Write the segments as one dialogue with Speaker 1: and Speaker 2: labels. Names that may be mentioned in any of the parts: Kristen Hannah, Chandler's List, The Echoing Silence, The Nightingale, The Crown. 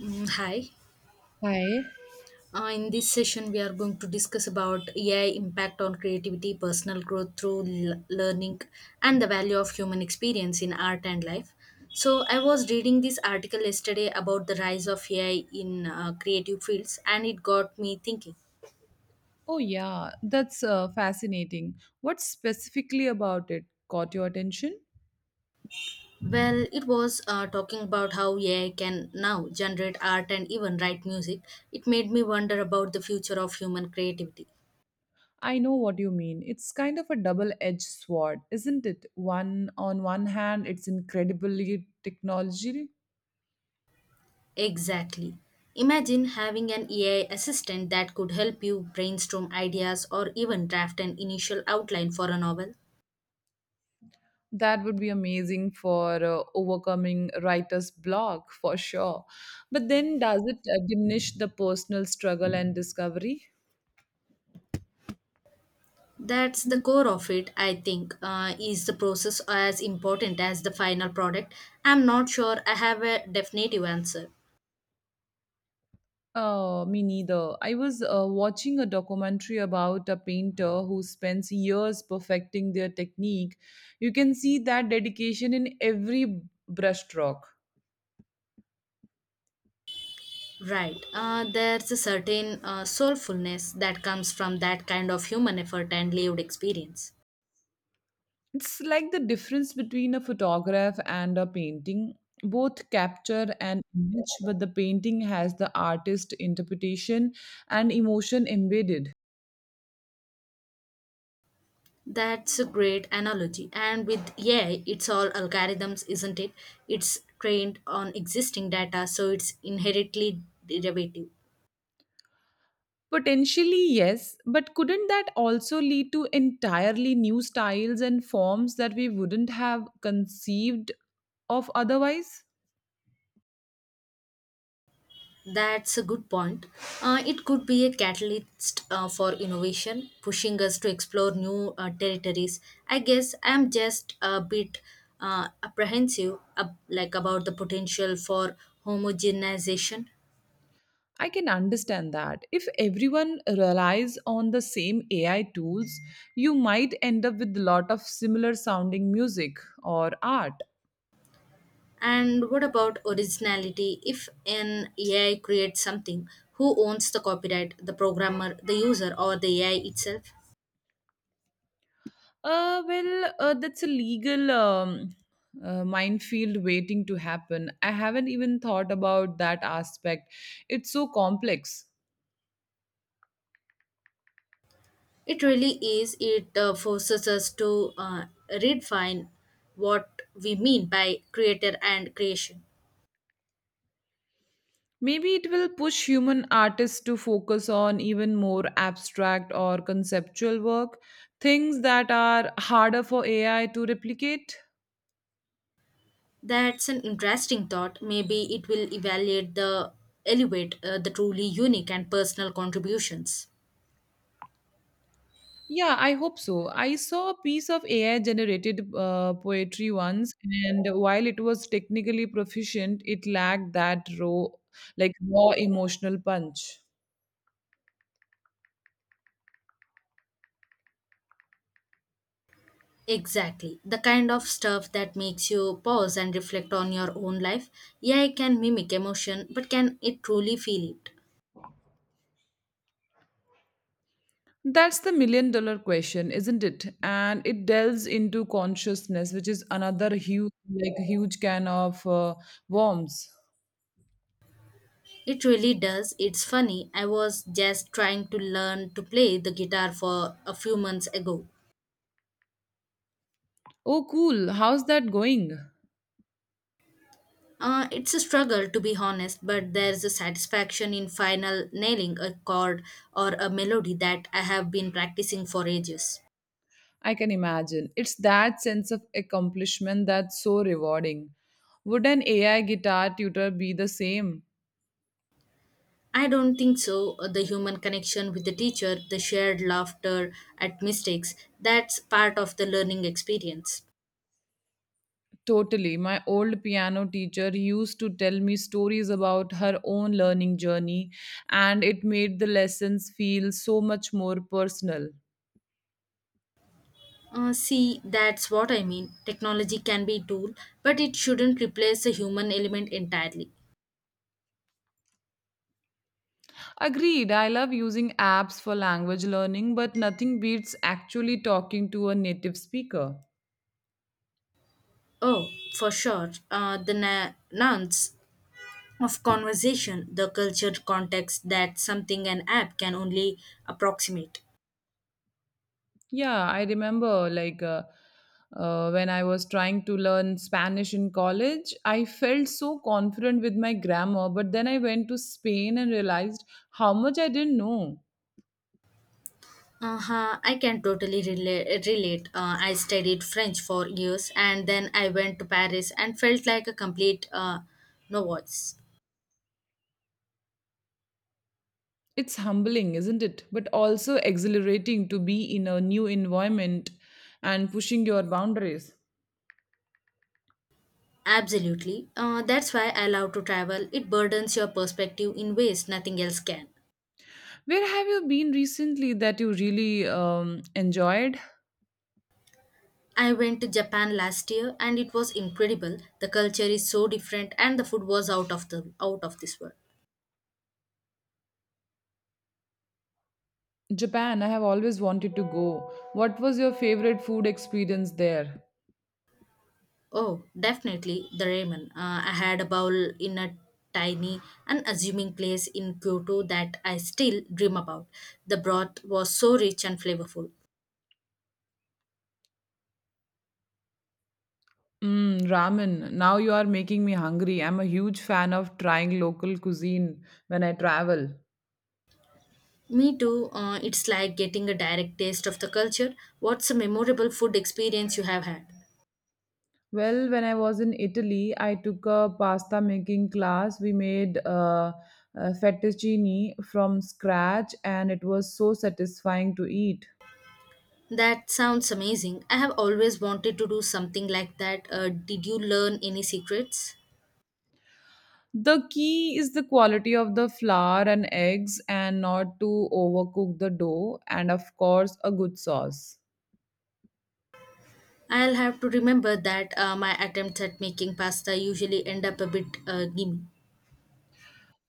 Speaker 1: Hi.
Speaker 2: Hi.
Speaker 1: In this session, we are going to discuss about AI impact on creativity, personal growth through learning, and the value of human experience in art and life. So, I was reading this article yesterday about the rise of AI in creative fields, and it got me thinking.
Speaker 2: Oh, yeah, that's fascinating. What specifically about it caught your attention?
Speaker 1: Well, it was talking about how AI can now generate art and even write music. It made me wonder about the future of human creativity.
Speaker 2: I know what you mean. It's kind of a double edged sword, isn't it? One on one hand, it's incredibly technology
Speaker 1: Exactly. Imagine having an AI assistant that could help you brainstorm ideas or even draft an initial outline for a novel.
Speaker 2: that would be amazing for overcoming writer's block for sure. But then does it diminish the personal struggle and discovery?
Speaker 1: That's the core of it, I think. Is the process as important as the final product? I'm not sure I have a definitive answer.
Speaker 2: Me neither. I was watching a documentary about a painter who spends years perfecting their technique. You can see that dedication in every brushstroke.
Speaker 1: Right. There's a certain soulfulness that comes from that kind of human effort and lived experience.
Speaker 2: It's like the difference between a photograph and a painting. Both capture an image, but the painting has the artist interpretation and emotion embedded.
Speaker 1: That's a great analogy. And with AI, it's all algorithms, isn't it? It's trained on existing data, so it's inherently derivative.
Speaker 2: Potentially, yes, but couldn't that also lead to entirely new styles and forms that we wouldn't have conceived of otherwise?
Speaker 1: That's a good point. It could be a catalyst for innovation, pushing us to explore new territories. I guess I'm just a bit apprehensive, like about the potential for homogenization.
Speaker 2: I can understand that. If everyone relies on the same AI tools, you might end up with a lot of similar sounding music or art.
Speaker 1: And what about originality? If an AI creates something, who owns the copyright? The programmer, the user, or the AI itself?
Speaker 2: Well, that's a legal minefield waiting to happen. I haven't even thought about that aspect. It's so complex.
Speaker 1: It really is. It forces us to redefine what we mean by creator and creation.
Speaker 2: Maybe it will push human artists to focus on even more abstract or conceptual work, things that are harder for AI to replicate.
Speaker 1: That's an interesting thought. Maybe it will evaluate the elevate the truly unique and personal contributions.
Speaker 2: Yeah, I hope so. I saw a piece of AI generated poetry once, and while it was technically proficient, it lacked that raw, like raw emotional punch.
Speaker 1: Exactly. The kind of stuff that makes you pause and reflect on your own life. Yeah, it can mimic emotion, but can it truly feel it?
Speaker 2: That's the million dollar question, isn't it? And it delves into consciousness, which is another huge can of worms.
Speaker 1: It really does. It's funny. I was just trying to learn to play the guitar for a few months ago.
Speaker 2: Oh, cool. How's that going?
Speaker 1: It's a struggle to be honest, but there's a satisfaction in final nailing a chord or a melody that I have been practicing for ages.
Speaker 2: I can imagine. It's that sense of accomplishment that's so rewarding. Would an AI guitar tutor be the same?
Speaker 1: I don't think so. The human connection with the teacher, the shared laughter at mistakes, that's part of the learning experience.
Speaker 2: Totally. My old piano teacher used to tell me stories about her own learning journey, and it made the lessons feel so much more personal.
Speaker 1: See, that's what I mean. Technology can be a tool, but it shouldn't replace the human element entirely.
Speaker 2: Agreed. I love using apps for language learning, but nothing beats actually talking to a native speaker.
Speaker 1: Oh, for sure. The nuance of conversation, the cultured context, that's something an app can only approximate.
Speaker 2: Yeah, I remember when I was trying to learn Spanish in college, I felt so confident with my grammar, but then I went to Spain and realized how much I didn't know.
Speaker 1: Uh-huh, I can totally relate. I studied French for years and then I went to Paris and felt like a complete novice.
Speaker 2: It's humbling, isn't it? But also exhilarating to be in a new environment and pushing your boundaries.
Speaker 1: Absolutely. That's why I love to travel. It burdens your perspective in ways nothing else can.
Speaker 2: Where have you been recently that you really enjoyed?
Speaker 1: I went to Japan last year and it was incredible. The culture is so different and the food was out of this world.
Speaker 2: Japan, I have always wanted to go. What was your favorite food experience there?
Speaker 1: Oh, definitely the ramen. I had a bowl in a tiny, unassuming place in Kyoto that I still dream about. The broth was so rich and flavorful.
Speaker 2: Mm, ramen. Now you are making me hungry. I'm a huge fan of trying local cuisine when I travel.
Speaker 1: Me too. It's like getting a direct taste of the culture. What's a memorable food experience you have had?
Speaker 2: Well, when I was in Italy, I took a pasta making class. We made fettuccine from scratch, and it was so satisfying to eat.
Speaker 1: That sounds amazing. I have always wanted to do something like that. Did you learn any secrets?
Speaker 2: The key is the quality of the flour and eggs, and not to overcook the dough, and of course, a good sauce.
Speaker 1: I'll have to remember that my attempts at making pasta usually end up a bit gimmick.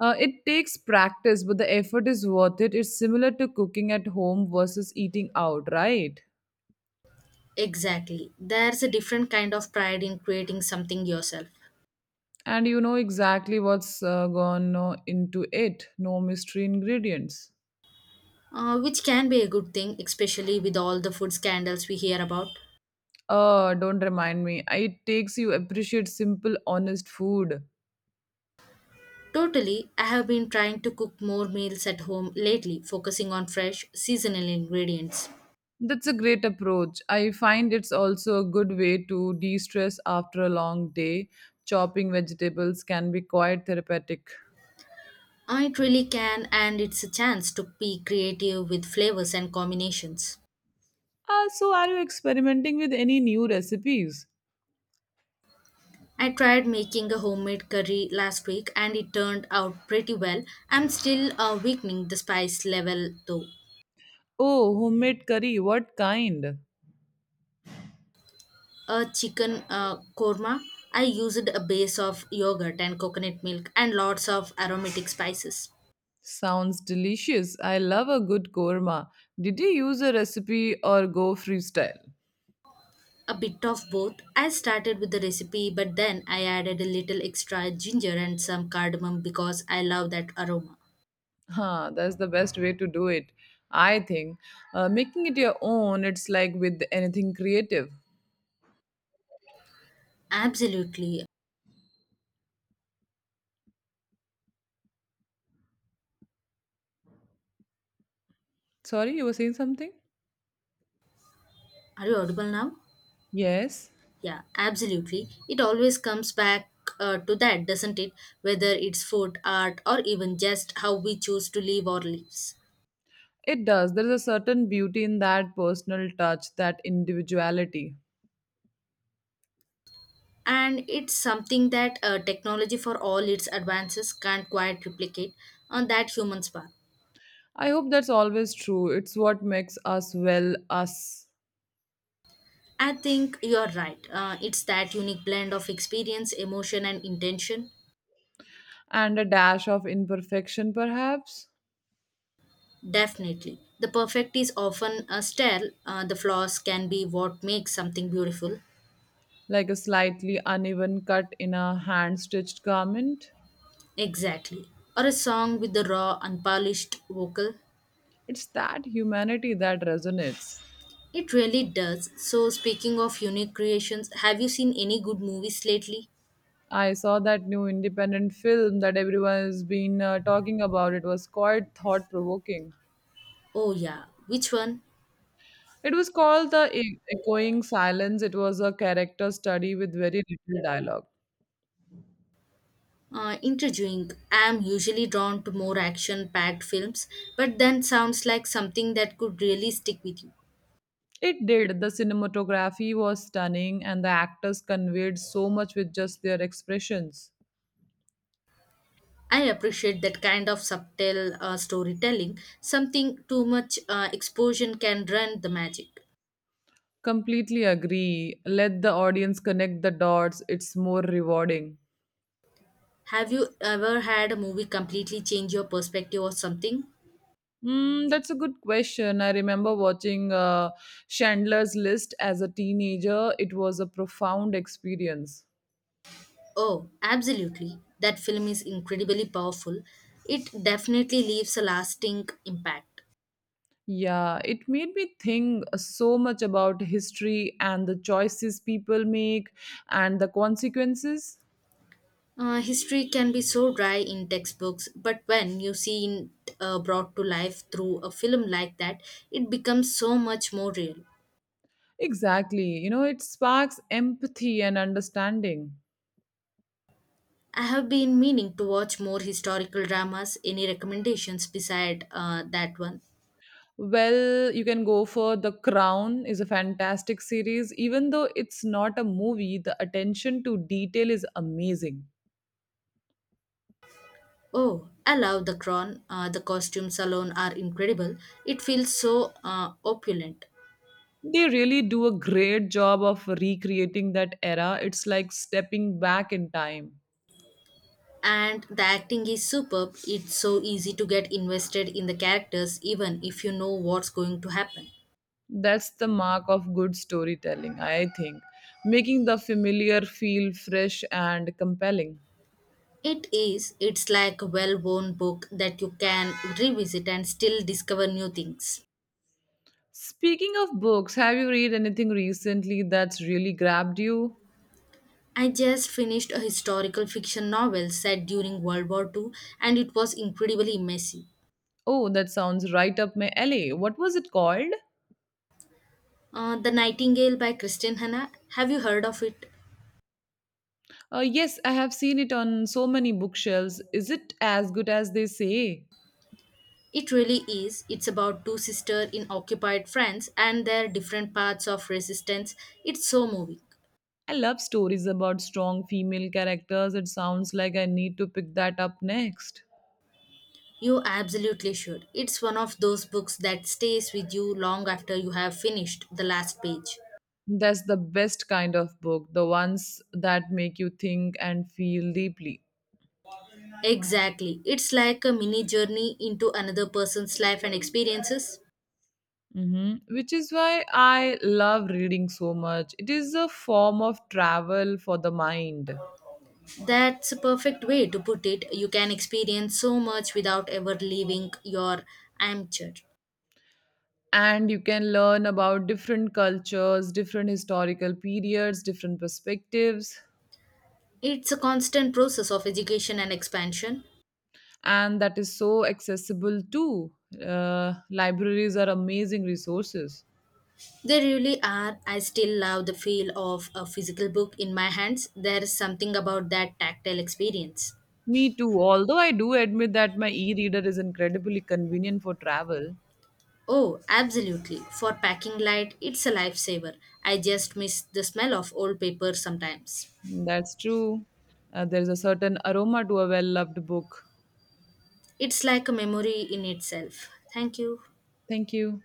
Speaker 2: It takes practice, but the effort is worth it. It's similar to cooking at home versus eating out, right?
Speaker 1: Exactly. There's a different kind of pride in creating something yourself,
Speaker 2: And you know exactly what's gone into it. No mystery ingredients.
Speaker 1: which can be a good thing, especially with all the food scandals we hear about.
Speaker 2: Don't remind me. It takes you appreciate simple, honest food.
Speaker 1: Totally, I have been trying to cook more meals at home lately, focusing on fresh, seasonal ingredients.
Speaker 2: That's a great approach. I find it's also a good way to de-stress after a long day. Chopping vegetables can be quite therapeutic.
Speaker 1: It really can, and it's a chance to be creative with flavors and combinations.
Speaker 2: So, are you experimenting with any new recipes?
Speaker 1: I tried making a homemade curry last week and it turned out pretty well. I'm still weakening the spice level though.
Speaker 2: Oh, homemade curry, what kind?
Speaker 1: A chicken korma. I used a base of yogurt and coconut milk and lots of aromatic spices.
Speaker 2: Sounds delicious. I love a good korma. Did you use a recipe or go freestyle?
Speaker 1: A bit of both. I started with the recipe, but then I added a little extra ginger and some cardamom because I love that aroma.
Speaker 2: Huh, that's the best way to do it, I think. Making it your own, it's like with anything creative.
Speaker 1: Absolutely.
Speaker 2: Sorry, you were saying something?
Speaker 1: Are you audible now?
Speaker 2: Yes,
Speaker 1: Yeah, absolutely. It always comes back to that, doesn't it? Whether it's food, art, or even just how we choose to live our lives.
Speaker 2: it does. There's a certain beauty in that personal touch, that individuality.
Speaker 1: And it's something that technology, for all its advances, can't quite replicate on that human spark.
Speaker 2: I hope that's always true. It's what makes us, well, us.
Speaker 1: I think you're right, it's that unique blend of experience, emotion and intention.
Speaker 2: And a dash of imperfection, perhaps?
Speaker 1: Definitely the perfect is often a style, the flaws can be what makes something beautiful.
Speaker 2: Like a slightly uneven cut in a hand stitched garment.
Speaker 1: Exactly, or a song with the raw unpolished vocal.
Speaker 2: It's that humanity that resonates.
Speaker 1: It really does. So speaking of unique creations, have you seen any good movies lately?
Speaker 2: I saw that new independent film that everyone has been talking about. It was quite thought provoking.
Speaker 1: Oh yeah, which one?
Speaker 2: It was called The Echoing Silence. It was a character study with very little dialogue.
Speaker 1: Intriguing. I'm usually drawn to more action packed films, but then sounds like something that could really stick with you.
Speaker 2: It did. The cinematography was stunning, and the actors conveyed so much with just their expressions.
Speaker 1: I appreciate that kind of subtle storytelling. Something too much exposure can run the magic.
Speaker 2: Completely agree. Let the audience connect the dots, it's more rewarding.
Speaker 1: Have you ever had a movie completely change your perspective or something?
Speaker 2: Mm, that's a good question. I remember watching Chandler's List as a teenager. It was a profound experience.
Speaker 1: Oh, absolutely. That film is incredibly powerful. It definitely leaves a lasting impact.
Speaker 2: Yeah, it made me think so much about history and the choices people make and the consequences.
Speaker 1: History can be so dry in textbooks, but when you see it brought to life through a film like that, it becomes so much more real.
Speaker 2: Exactly. You know, it sparks empathy and understanding.
Speaker 1: I have been meaning to watch more historical dramas. Any recommendations beside that one?
Speaker 2: Well, you can go for The Crown is a fantastic series. Even though it's not a movie, the attention to detail is amazing.
Speaker 1: Oh, I love The Crown. The costumes alone are incredible. It feels so opulent.
Speaker 2: They really do a great job of recreating that era. It's like stepping back in time.
Speaker 1: And the acting is superb. It's so easy to get invested in the characters, even if you know what's going to happen.
Speaker 2: That's the mark of good storytelling, I think. Making the familiar feel fresh and compelling.
Speaker 1: It is. It's like a well worn book that you can revisit and still discover new things.
Speaker 2: Speaking of books, have you read anything recently that's really grabbed you?
Speaker 1: I just finished a historical fiction novel set during World War Two, and it was incredibly messy.
Speaker 2: Oh, that sounds right up my alley. What was it called?
Speaker 1: The Nightingale by Kristen Hanna. Have you heard of it?
Speaker 2: Yes, I have seen it on so many bookshelves. Is it as good as they say?
Speaker 1: It really is. It's about two sisters in occupied France and their different paths of resistance. It's so moving.
Speaker 2: I love stories about strong female characters. It sounds like I need to pick that up next.
Speaker 1: You absolutely should. It's one of those books that stays with you long after you have finished the last page.
Speaker 2: That's the best kind of book, the ones that make you think and feel deeply.
Speaker 1: Exactly. It's like a mini journey into another person's life and experiences.
Speaker 2: Hmm, which is why I love reading so much. It is a form of travel for the mind.
Speaker 1: That's a perfect way to put it. You can experience so much without ever leaving your armchair.
Speaker 2: And you can learn about different cultures, different historical periods, different perspectives.
Speaker 1: It's a constant process of education and expansion.
Speaker 2: And that is so accessible too. Libraries are amazing resources.
Speaker 1: They really are. I still love the feel of a physical book in my hands. There is something about that tactile experience.
Speaker 2: Me too, although I do admit that my e reader is incredibly convenient for travel.
Speaker 1: Oh, absolutely. For packing light, it's a lifesaver. I just miss the smell of old paper sometimes.
Speaker 2: That's true. There's a certain aroma to a well loved book.
Speaker 1: It's like a memory in itself. Thank you.
Speaker 2: Thank you.